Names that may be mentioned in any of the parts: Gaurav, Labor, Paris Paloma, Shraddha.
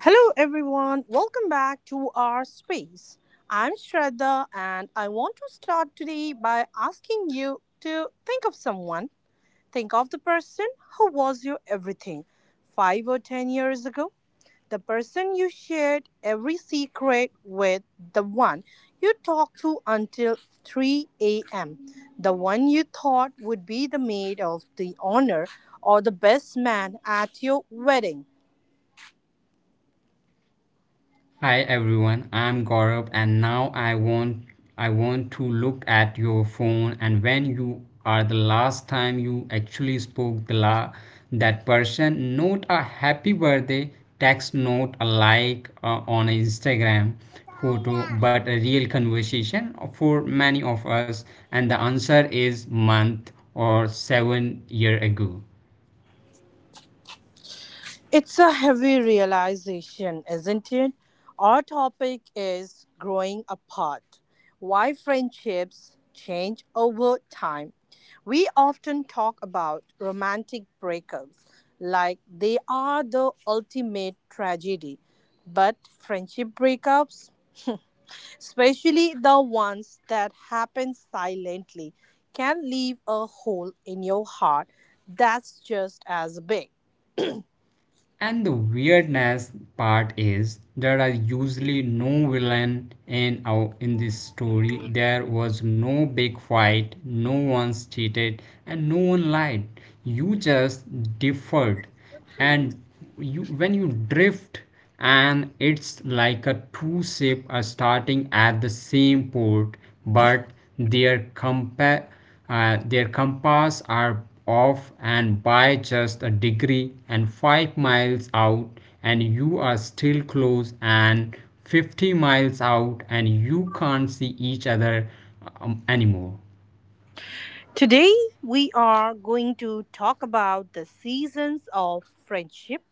Hello, everyone. Welcome back to our space. I'm Shraddha, and I want to start today by asking you to think of someone. Think of the person who was your everything 5 or 10 years ago, the person you shared every secret with, the one you talked to until 3 a.m., the one you thought would be the maid of the honor or the best man at your wedding. Hi everyone, I'm Gaurav, and now I want to look at your phone and when you are the last time you actually spoke the la that person. Not a happy birthday text, not a like on Instagram photo, but a real conversation for many of us. And the answer is month or 7 year ago. It's a heavy realization, isn't it? Our topic is growing apart. Why friendships change over time. We often talk about romantic breakups like they are the ultimate tragedy. But friendship breakups, especially the ones that happen silently, can leave a hole in your heart that's just as big. And the weirdness part is there are usually no villain in this story. There was no big fight, no one cheated, and no one lied. You just differed, and you when you drift. And it's like a two ship are starting at the same port, but their compa- their compass are off and by just a degree, and 5 miles out and you are still close, and 50 miles out and you can't see each other anymore. Today, we are going to talk about the seasons of friendship,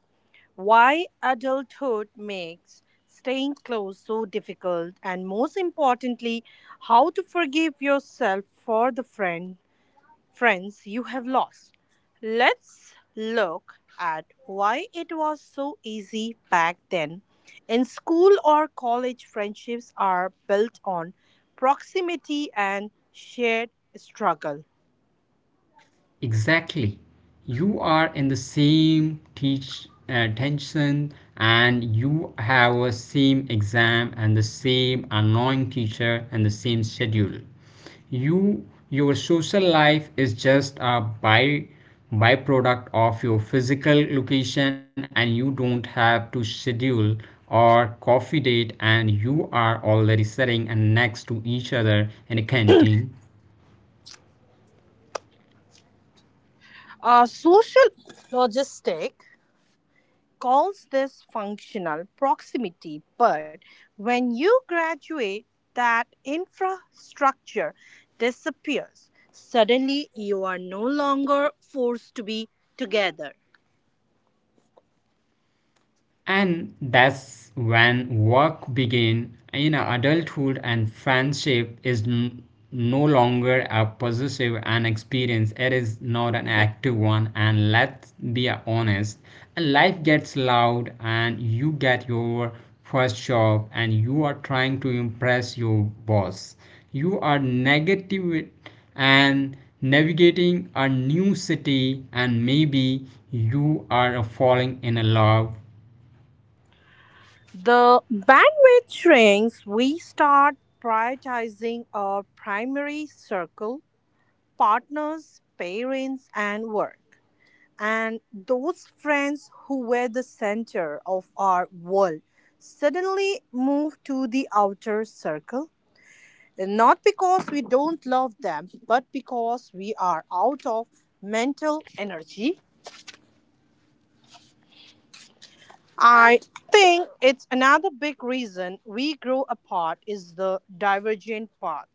why adulthood makes staying close so difficult, and most importantly, how to forgive yourself for the friends you have lost. Let's look at why it was so easy back then. In school or college, friendships are built on proximity and shared struggle. Exactly. You are in the same tension, and you have a same exam and the same annoying teacher and the same schedule. You, your social life is just a by byproduct of your physical location, and you don't have to schedule or coffee date, and you are already sitting and next to each other in a canteen. A social logistic calls this functional proximity, but when you graduate, that infrastructure disappears. Suddenly, you are no longer forced to be together. And that's when work begin in adulthood, and friendship is no longer a possessive an experience, it is not an active one. And let's be honest, life gets loud and you get your first job and you are trying to impress your boss, you are negative and navigating a new city, and maybe you are falling in love. The bandwidth shrinks. We start prioritizing our primary circle, partners, parents, and work, and those friends who were the center of our world suddenly move to the outer circle, not because we don't love them, but because we are out of mental energy. I think it's another big reason we grow apart is the divergent path.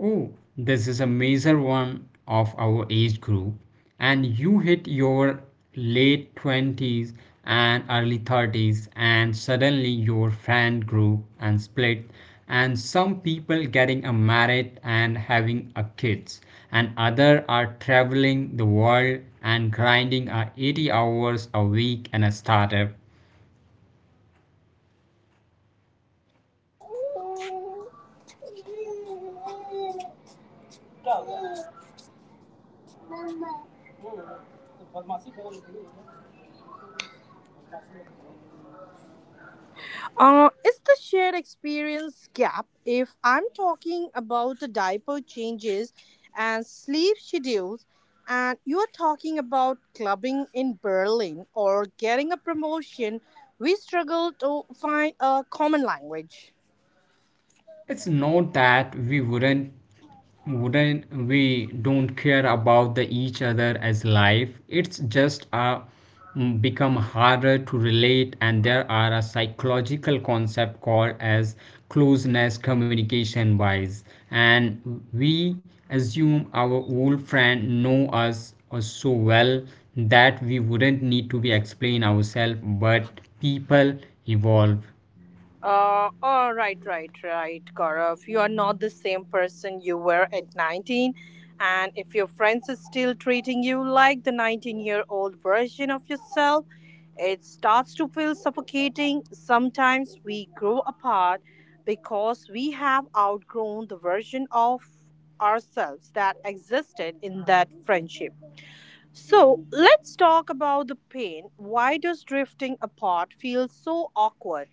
Oh, this is a major one of our age group, and you hit your late 20s and early 30s, and suddenly your friend group and split, and some people getting a married and having a kids, and other are traveling the world and grinding a 80 hours a week in a startup. It's the shared experience gap. If I'm talking about the diaper changes and sleep schedules, and you are talking about clubbing in Berlin or getting a promotion, we struggle to find a common language. It's not that we wouldn't we don't care about the each other as life. It's just become harder to relate, and there are a psychological concept called as closeness communication wise, and we assume our old friend know us so well that we wouldn't need to be explain ourselves, but people evolve. All right, Gaurav. You are not the same person you were at 19. And if your friends are still treating you like the 19-year-old version of yourself, it starts to feel suffocating. Sometimes we grow apart because we have outgrown the version of ourselves that existed in that friendship. So let's talk about the pain. Why does drifting apart feel so awkward?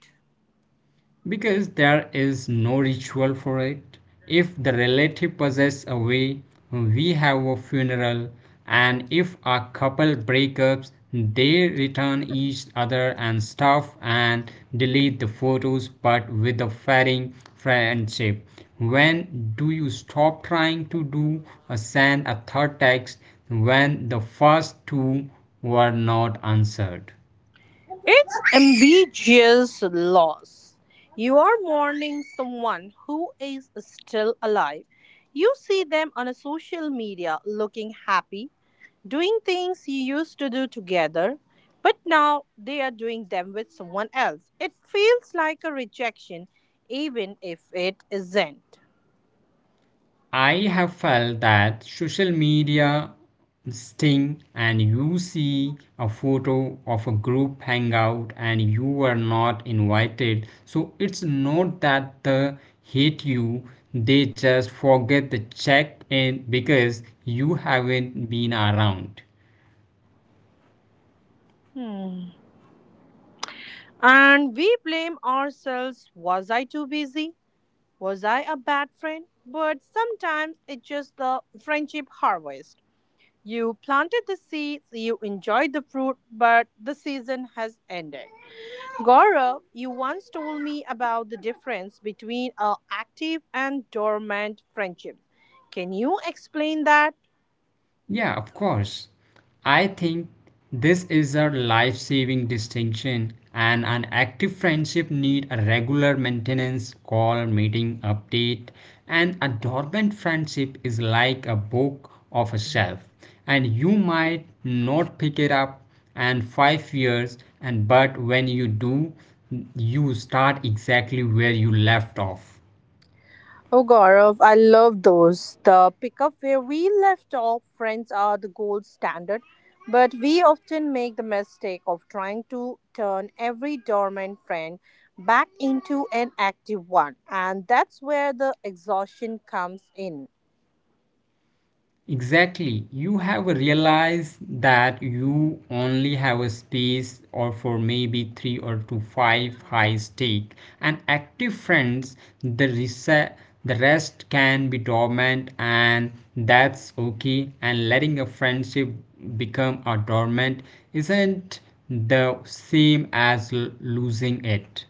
Because there is no ritual for it. If the relative passes away, we have a funeral. And if a couple breakups, they return each other and stuff and delete the photos. But with a fairing friendship, when do you stop trying to do a send a third text when the first two were not answered? It's ambiguous loss. You are mourning someone who is still alive. You see them on a social media looking happy, doing things you used to do together, but now they are doing them with someone else. It feels like a rejection, even if it isn't. I have felt that social media sting, and you see a photo of a group hangout and you were not invited. So it's not that they hate you, they just forget to check in because you haven't been around. Hmm. And we blame ourselves. Was I too busy? Was I a bad friend? But sometimes it's just the friendship harvest. You planted the seeds, you enjoyed the fruit, but the season has ended. Gaurav, you once told me about the difference between a active and dormant friendship. Can you explain that? Yeah, of course. I think this is a life saving distinction, and an active friendship need a regular maintenance call, meeting, update. And a dormant friendship is like a book of a shelf, and you might not pick it up and 5 years, and but when you do, you start exactly where you left off. Oh, Gaurav, I love those. The pickup where we left off, friends are the gold standard, but we often make the mistake of trying to turn every dormant friend back into an active one, and that's where the exhaustion comes in. Exactly. You have realized that you only have a space or for maybe three or two five high stake and active friends. The rest can be dormant, and that's okay. And letting a friendship become a dormant isn't the same as losing it.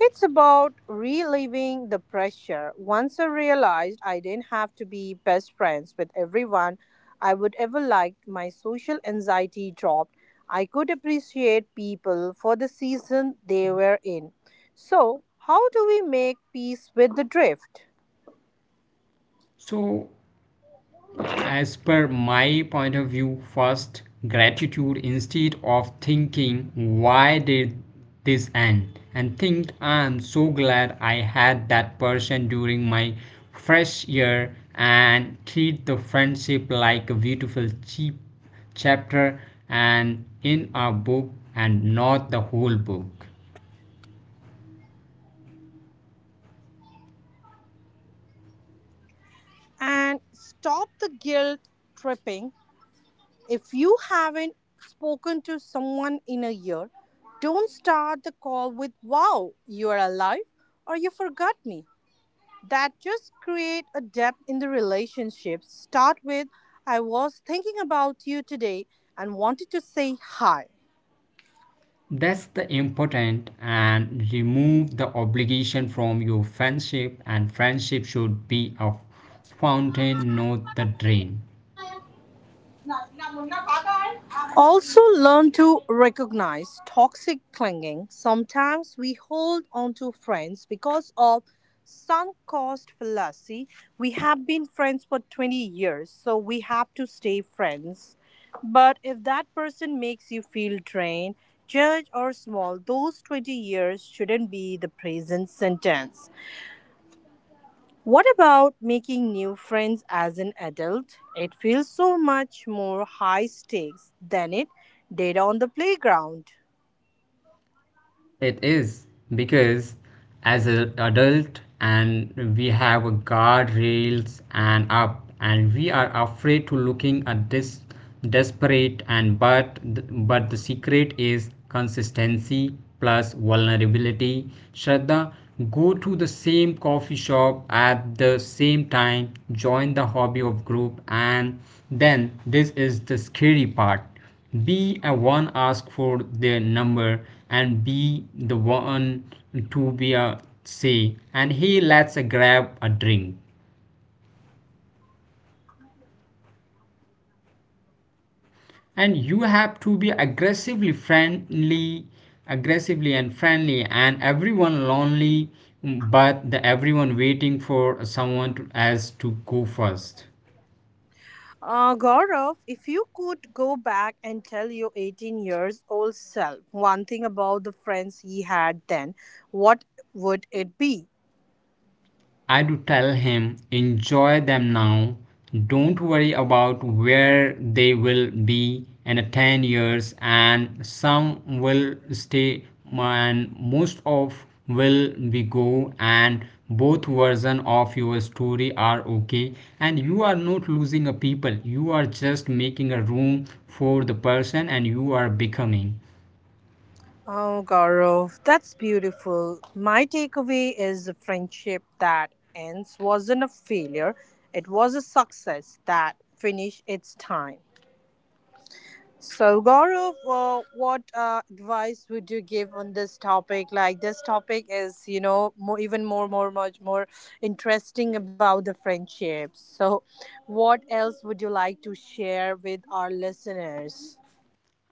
It's about reliving the pressure. Once I realized I didn't have to be best friends with everyone I would ever like, my social anxiety dropped. I could appreciate people for the season they were in. So, how do we make peace with the drift So, as per my point of view, first gratitude instead of thinking, why did this end? And think, I'm so glad I had that person during my fresh year, and treat the friendship like a beautiful cheap chapter and in a book and not the whole book. and stop the guilt tripping? If you haven't spoken to someone in a year, don't start the call with, "Wow, you are alive" or "you forgot me." That just create a depth in the relationship. Start with, "I was thinking about you today and wanted to say hi." That's the important, and remove the obligation from your friendship, and friendship should be a fountain not the drain. Also, learn to recognize toxic clinging. Sometimes we hold on to friends because of sunk cost fallacy. We have been friends for 20 years, so we have to stay friends. But if that person makes you feel drained, judged, or small, those 20 years shouldn't be the present sentence. What about making new friends as an adult? It feels so much more high stakes than it did on the playground. It is because as an adult, and we have a guardrails and up, and we are afraid to looking at this desperate, and but the secret is consistency plus vulnerability. Shraddha, go to the same coffee shop at the same time, join the hobby of group, and then this is the scary part, be a one ask for their number, and be the one to be a say and he lets a grab a drink, and you have to be aggressively friendly, aggressively and friendly, and everyone lonely, but the everyone waiting for someone to, as to go first. Gaurav, if you could go back and tell your 18 years old self one thing about the friends he had then, what would it be? I do tell him, enjoy them now. Don't worry about where they will be in 10 years, and some will stay and most of will be go, and both version of your story are okay. And you are not losing a people, you are just making a room for the person, and you are becoming. Oh, Gaurav, that's beautiful. My takeaway is the friendship that ends wasn't a failure, it was a success that finished its time. So, Gaurav, what advice would you give on this topic? Like, this topic is, more, even more, much more interesting about the friendships. So, what else would you like to share with our listeners?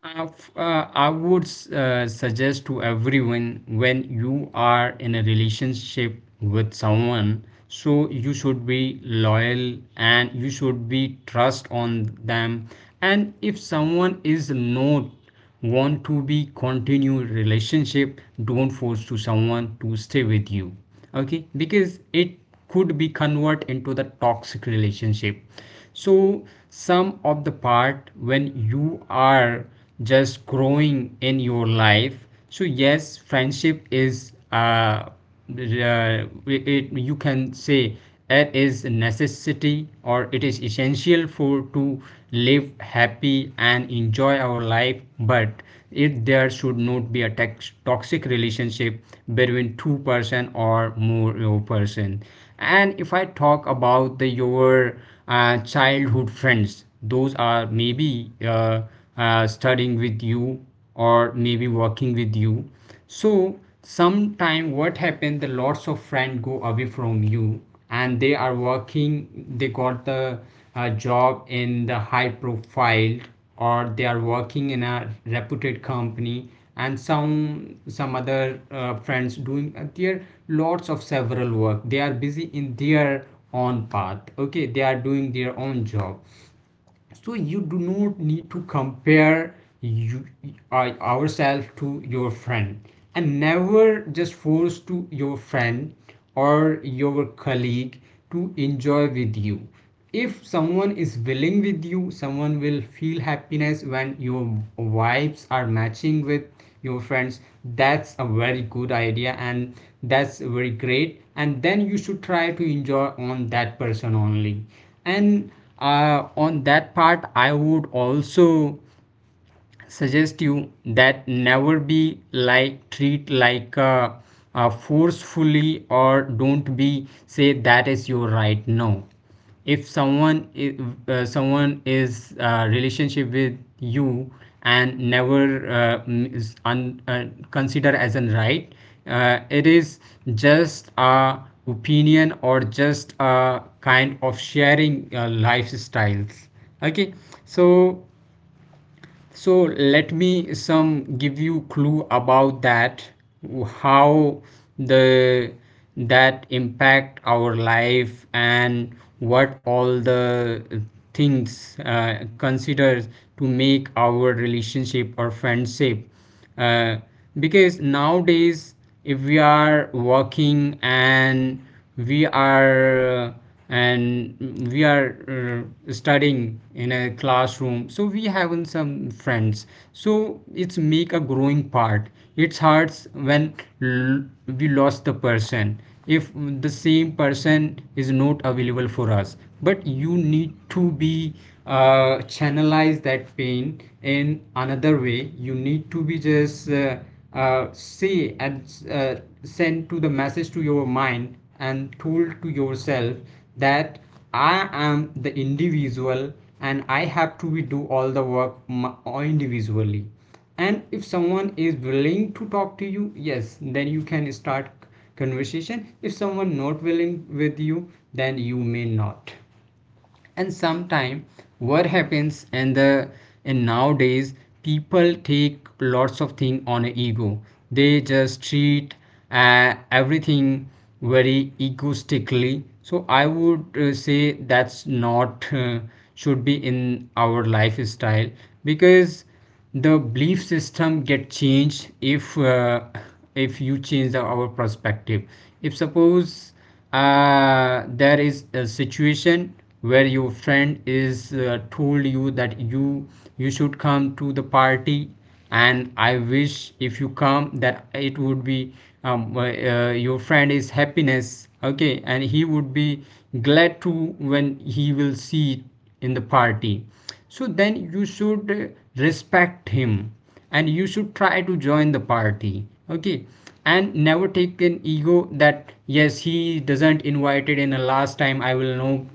I would suggest to everyone, when you are in a relationship with someone, so you should be loyal and you should be trust on them. And if someone is not want to be continued relationship, don't force to someone to stay with you, okay? Because it could be convert into the toxic relationship. So some of the part when you are just growing in your life, so yes, friendship is uh it, you can say it is a necessity or it is essential for to live happy and enjoy our life. But it there should not be a toxic relationship between two person or more person. And if I talk about the your childhood friends, those are maybe studying with you or maybe working with you. So sometime what happened, the lots of friend go away from you, and they are working, they got the job in the high profile, or they are working in a reputed company. And some other friends doing their lots of several work, they are busy in their own path, okay, they are doing their own job. So you do not need to compare ourselves to your friend, and never just force to your friend or your colleague to enjoy with you. If someone is willing with you, someone will feel happiness when your vibes are matching with your friends, that's a very good idea. And that's very great, and then you should try to enjoy on that person only. And on that part, I would also suggest you that never be like treat like forcefully, or don't be say that is your right. No, if someone is, someone is relationship with you, and never consider as an right. It is just a opinion or just a kind of sharing lifestyles, okay. So so let me some give you clue about that, how the that impact our life and what all the things consider to make our relationship or friendship, uh, because nowadays if we are working, and we are uh, we are studying in a classroom, so we having some friends, so it's make a growing part. It hurts when l- we lost the person, if the same person is not available for us. But you need to be channelize that pain in another way. You need to be just say and send to the message to your mind and told to yourself that I am the individual, and I have to be do all the work individually. And if someone is willing to talk to you, yes, then you can start conversation. If someone not willing with you, then you may not. And sometime what happens, and the and nowadays people take lots of thing on a ego, they just treat uh, everything very egoistically. So I would say that's not should be in our lifestyle, because the belief system get changed if you change the, our perspective. If suppose there is a situation where your friend is told you that you should come to the party, and I wish if you come that it would be your friend is happiness, okay, and he would be glad to when he will see it in the party. So then you should respect him, and you should try to join the party, okay. And never take an ego that yes, he doesn't invited in the last time, I will no,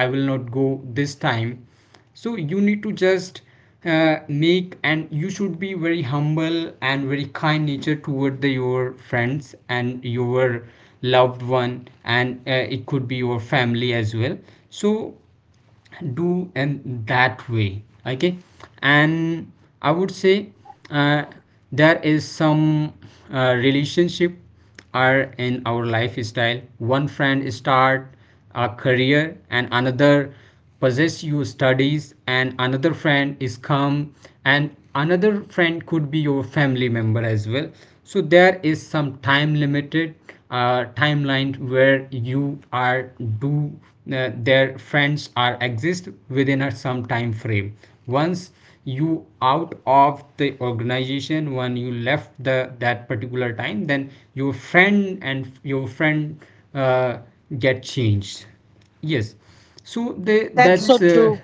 I will not go this time. So you need to just make and you should be very humble and very kind nature toward the, your friends and your loved one, and it could be your family as well. So do in that way, okay. And I would say uh, there is some relationship are in our lifestyle. One friend start a career, and another possess your studies, and another friend is come, and another friend could be your family member as well. So there is some time limited timeline where you are do their friends are exist within a some time frame. Once you out of the organization, when you left the that particular time, then your friend and your friend uh, get changed. Yes. So they That's so that's true.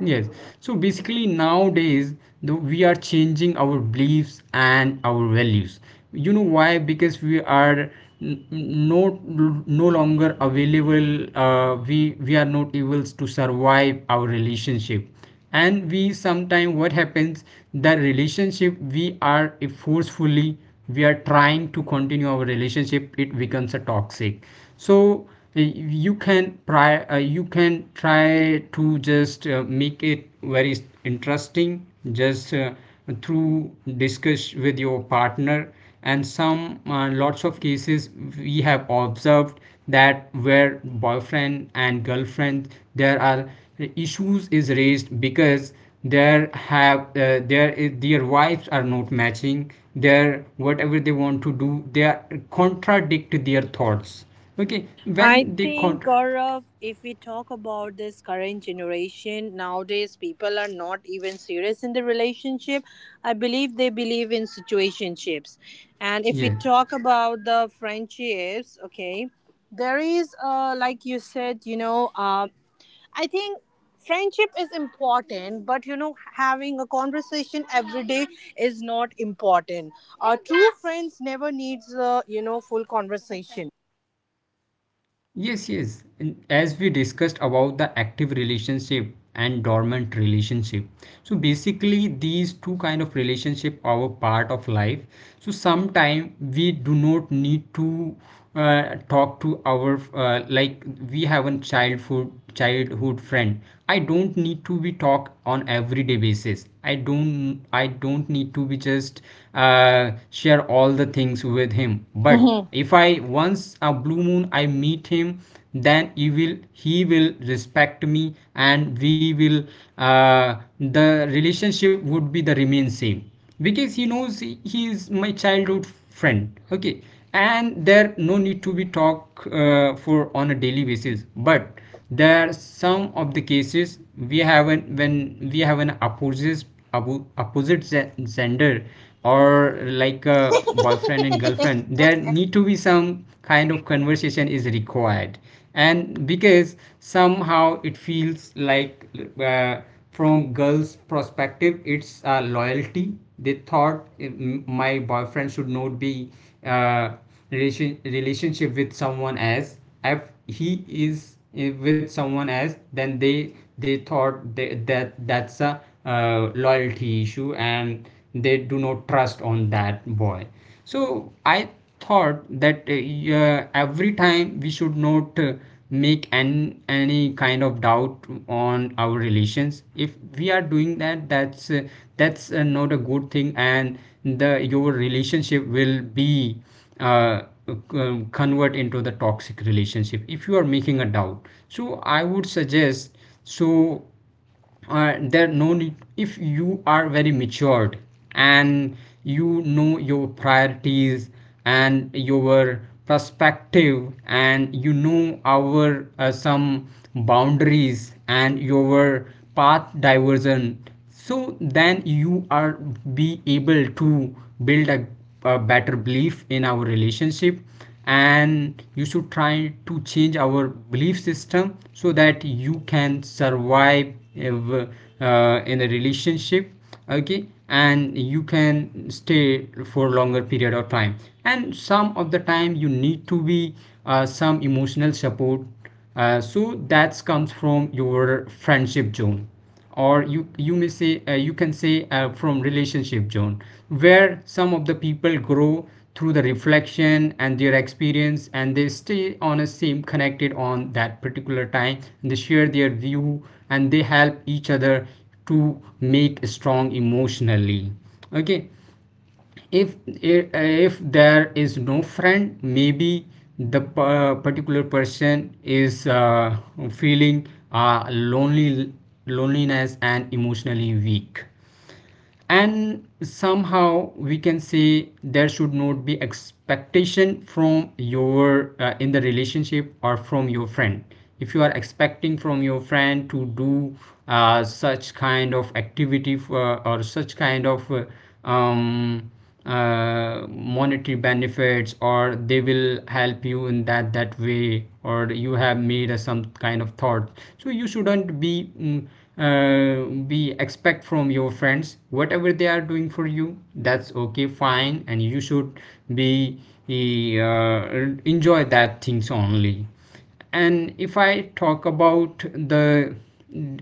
yes. So basically nowadays we are changing our beliefs and our values. You know why? Because we are no no longer available. We are not able to survive our relationship, and we sometimes what happens the relationship we are, if forcefully we are trying to continue our relationship, it becomes a toxic. So you can try, you can try to just make it very interesting, just through discuss with your partner. And some lots of cases we have observed that where boyfriend and girlfriend, there are issues is raised because there is their wives are not matching their whatever they want to do, they are contradict their thoughts. Okay, I when they con think, Gaurav, if we talk about this current generation, nowadays people are not even serious in the relationship. I believe they believe in situationships. And if we yes. talk about the friendships, okay, there is, like you said, I think friendship is important, but you know, having a conversation every day is not important. True friends never needs, full conversation. Yes, yes. And as we discussed about the active relationship and dormant relationship. So basically these two kind of relationship are part of life. So sometime we do not need to talk to our like we have a childhood friend. I don't need to be talk on everyday basis. I don't need to be just share all the things with him. But if I once a blue moon I meet him, then he will, he will respect me, and we will, the relationship would be the remain same, because he knows he is my childhood friend. Okay, and there no need to be talk for on a daily basis. But there are some of the cases we have an when we have an opposite opposite gender, or like a boyfriend and girlfriend, there need to be some kind of conversation is required. And because somehow it feels like, uh, from girls perspective, it's loyalty, they thought my boyfriend should not be uh, relationship with someone else. If he is with someone else, then they thought that that's a loyalty issue, and they do not trust on that boy. So I thought that yeah, every time we should not make any kind of doubt on our relations. If we are doing that, that's not a good thing. And the your relationship will be uh, convert into the toxic relationship if you are making a doubt. So I would suggest, so there no need. If you are very matured and you know your priorities and your perspective, and you know our some boundaries and your path diversion, so then you are be able to build a better belief in our relationship. And you should try to change our belief system so that you can survive uh, in the relationship. Okay, and you can stay for longer period of time. And some of the time you need to be some emotional support, so that comes from your friendship zone, or you may say you can say from relationship zone, where some of the people grow through the reflection and their experience, and they stay on a same connected on that particular time, and they share their view, and they help each other to make strong emotionally. Okay, if if there is no friend, maybe the particular person is feeling lonely, loneliness and emotionally weak. And somehow we can say there should not be expectation from your in the relationship or from your friend. If you are expecting from your friend to do such kind of activity for, or such kind of um, monetary benefits, or they will help you in that that way, or you have made a, some kind of thought. So you shouldn't be uh, be expect from your friends. Whatever they are doing for you, that's okay fine, and you should be enjoy that things only. And if I talk about the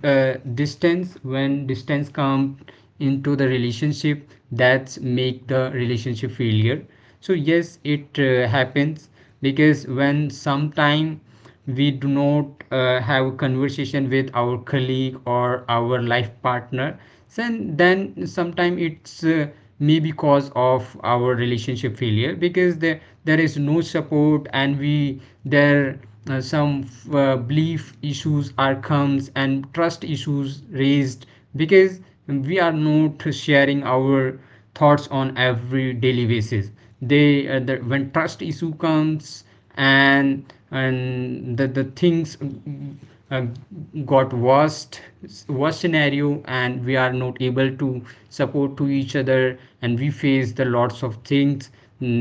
uh, distance, when distance come into the relationship, that's make the relationship failure. So yes, it happens, because when sometime we do not have a conversation with our colleague or our life partner, then sometimes it's maybe cause of our relationship failure, because there is no support, and we there some belief issues are comes, and trust issues raised, because we are not sharing our thoughts on every daily basis. They when trust issue comes, and the things uh, got worst, worst scenario, and we are not able to support to each other, and we face the lots of things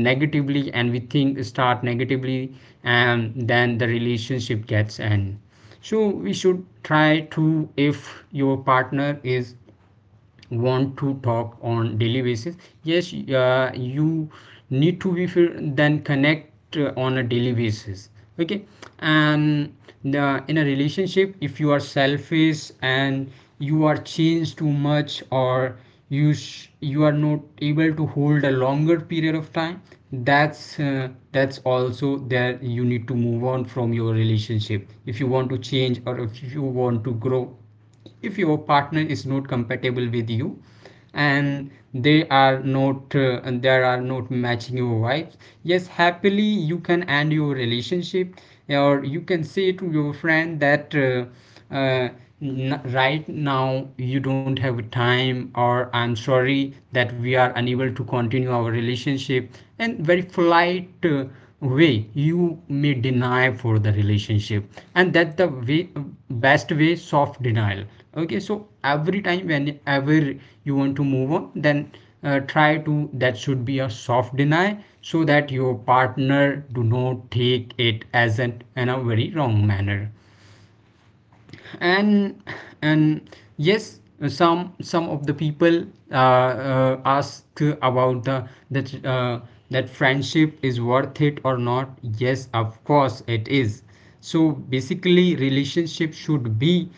negatively, and we think start negatively, and then the relationship gets end. So we should try to, if your partner is want to talk on daily basis, yes you need to be then connect on a daily basis. Okay, and in a relationship, if you are selfish, and you are changed too much, or you are not able to hold a longer period of time, that's also there, you need to move on from your relationship if you want to change, or if you want to grow, if your partner is not compatible with you, and they are not and there are not matching your vibes, yes happily you can end your relationship. Or you can say to your friend that uh, right now you don't have time, or I'm sorry that we are unable to continue our relationship. And very polite uh, way you may deny for the relationship. And that the way, best way, soft denial. Okay, so every time whenever you want to move on, then try to that should be a soft deny, so that your partner do not take it as an in a very wrong manner. and and yes, some of the people ask about the that that friendship is worth it or not. Yes of course it is. So basically relationship should be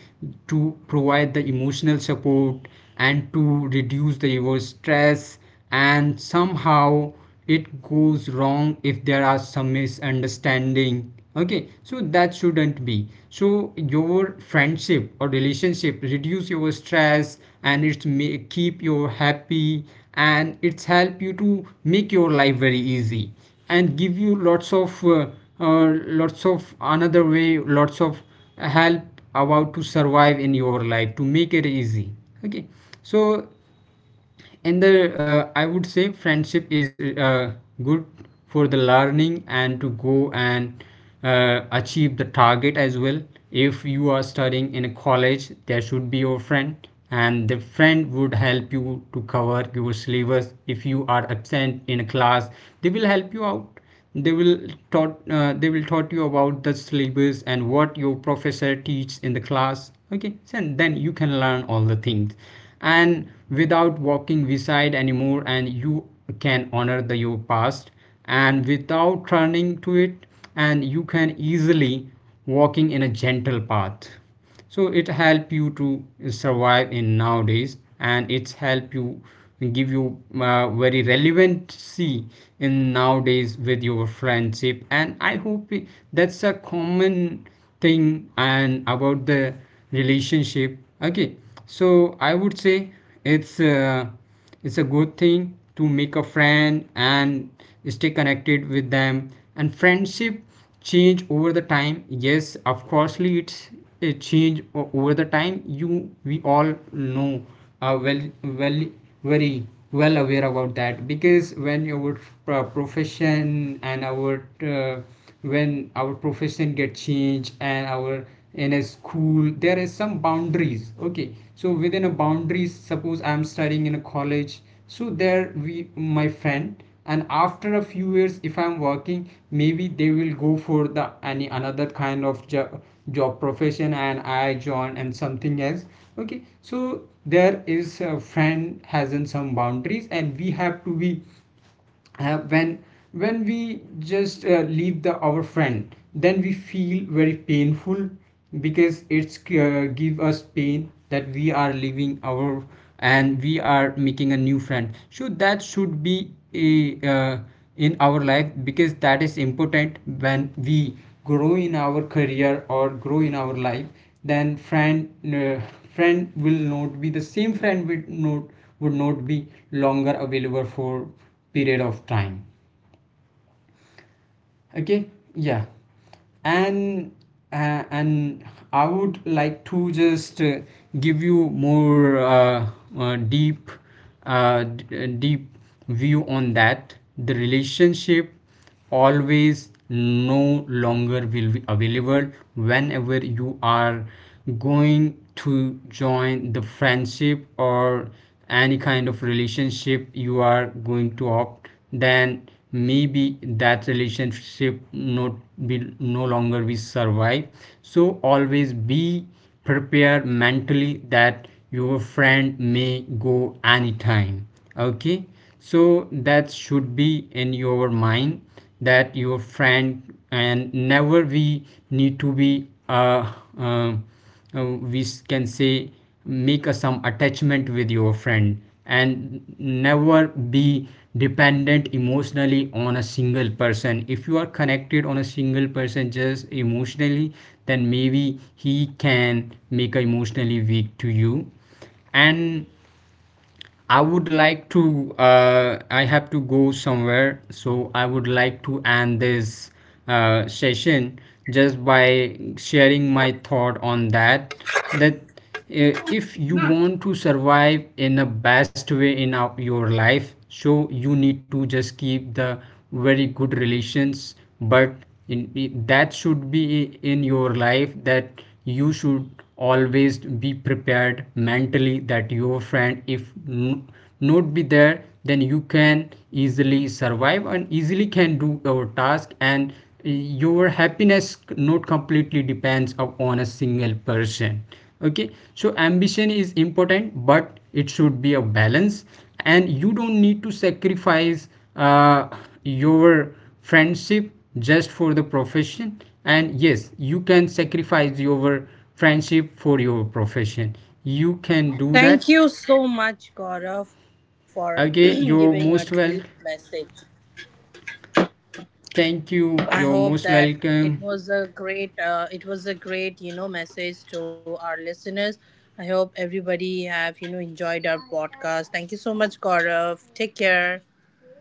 to provide the emotional support and to reduce the your stress. And somehow it goes wrong if there are some misunderstanding. Okay, so that shouldn't be, so your friendship or relationship reduce your stress, and it's may keep you happy, and it's help you to make your life very easy, and give you lots of another way, lots of help about to survive in your life to make it easy. Okay, so and the I would say friendship is uh, good for the learning and to go and achieve the target as well. If you are studying in a college, there should be your friend, and the friend would help you to cover your syllabus if you are absent in a class. They will help you out. They will taught you about the syllabus and what your professor teach in the class. Okay, so then you can learn all the things, and without walking beside anymore, and you can honor the your past and without turning to it, and you can easily walking in a gentle path. So it help you to survive in nowadays, and it's help you, give you very relevancy in nowadays with your friendship. And I hope it- that's a common thing. And about the relationship. Okay, so I would say it's uh, it's a good thing to make a friend and stay connected with them. And friendship change over the time, yes of coursely it's a change over the time, you, we all know, are well, well, very well aware about that. Because when our profession and our uh, when our profession get changed, and our, in a school there is some boundaries. Okay, so within a boundaries, suppose I'm studying in a college, so there we my friend, and after a few years if I'm working, maybe they will go for the any another kind of job profession, and I join and something else. Okay, so there is a friend has in some boundaries, and we have to be uh, when when we just leave the our friend, then we feel very painful, because it's give us pain that we are leaving our, and we are making a new friend. So that should be a, uh, in our life, because that is important. When we grow in our career or grow in our life, then friend will not be the same, friend would not be longer available for period of time. Okay, yeah. And and I would like to just give you more deep deep view on that. The relationship always no longer will be available. Whenever you are going to join the friendship or any kind of relationship you are going to opt, then maybe that relationship not be, no longer be survive. So always be prepared mentally that your friend may go anytime. Okay, so that should be in your mind, that your friend and never we need to be uh, uh, uh, we can say make a, some attachment with your friend. And never be dependent emotionally on a single person. If you are connected on a single person just emotionally, then maybe he can make a emotionally weak to you. And I would like to. I have to go somewhere, so I would like to end this session just by sharing my thought on that. That if you want to survive in a best way in our, your life, so you need to just keep the very good relations, but in, that should be in your life, that you should always be prepared mentally that your friend if not be there, then you can easily survive and easily can do your task. And eh, your happiness not completely depends upon a single person. Okay, so ambition is important, but it should be a balance, and you don't need to sacrifice uh, your friendship just for the profession. And yes, you can sacrifice your friendship for your profession, you can do Thank that. you so much, Gaurav, for Again, giving a you're deep most welcome. message. Thank you, I you're hope most that it welcome. was a great, it was a great, you know, message to our listeners. I hope everybody have, you know, enjoyed our podcast. Thank you so much, Gaurav. Take care.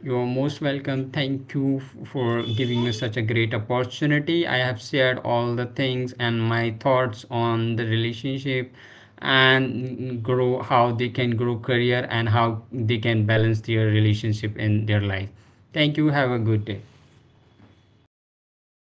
You're most welcome. Thank you for giving me such a great opportunity. I have shared all the things and my thoughts on the relationship, and grow how they can grow career and how they can balance their relationship in their life. Thank you. Have a good day. You too.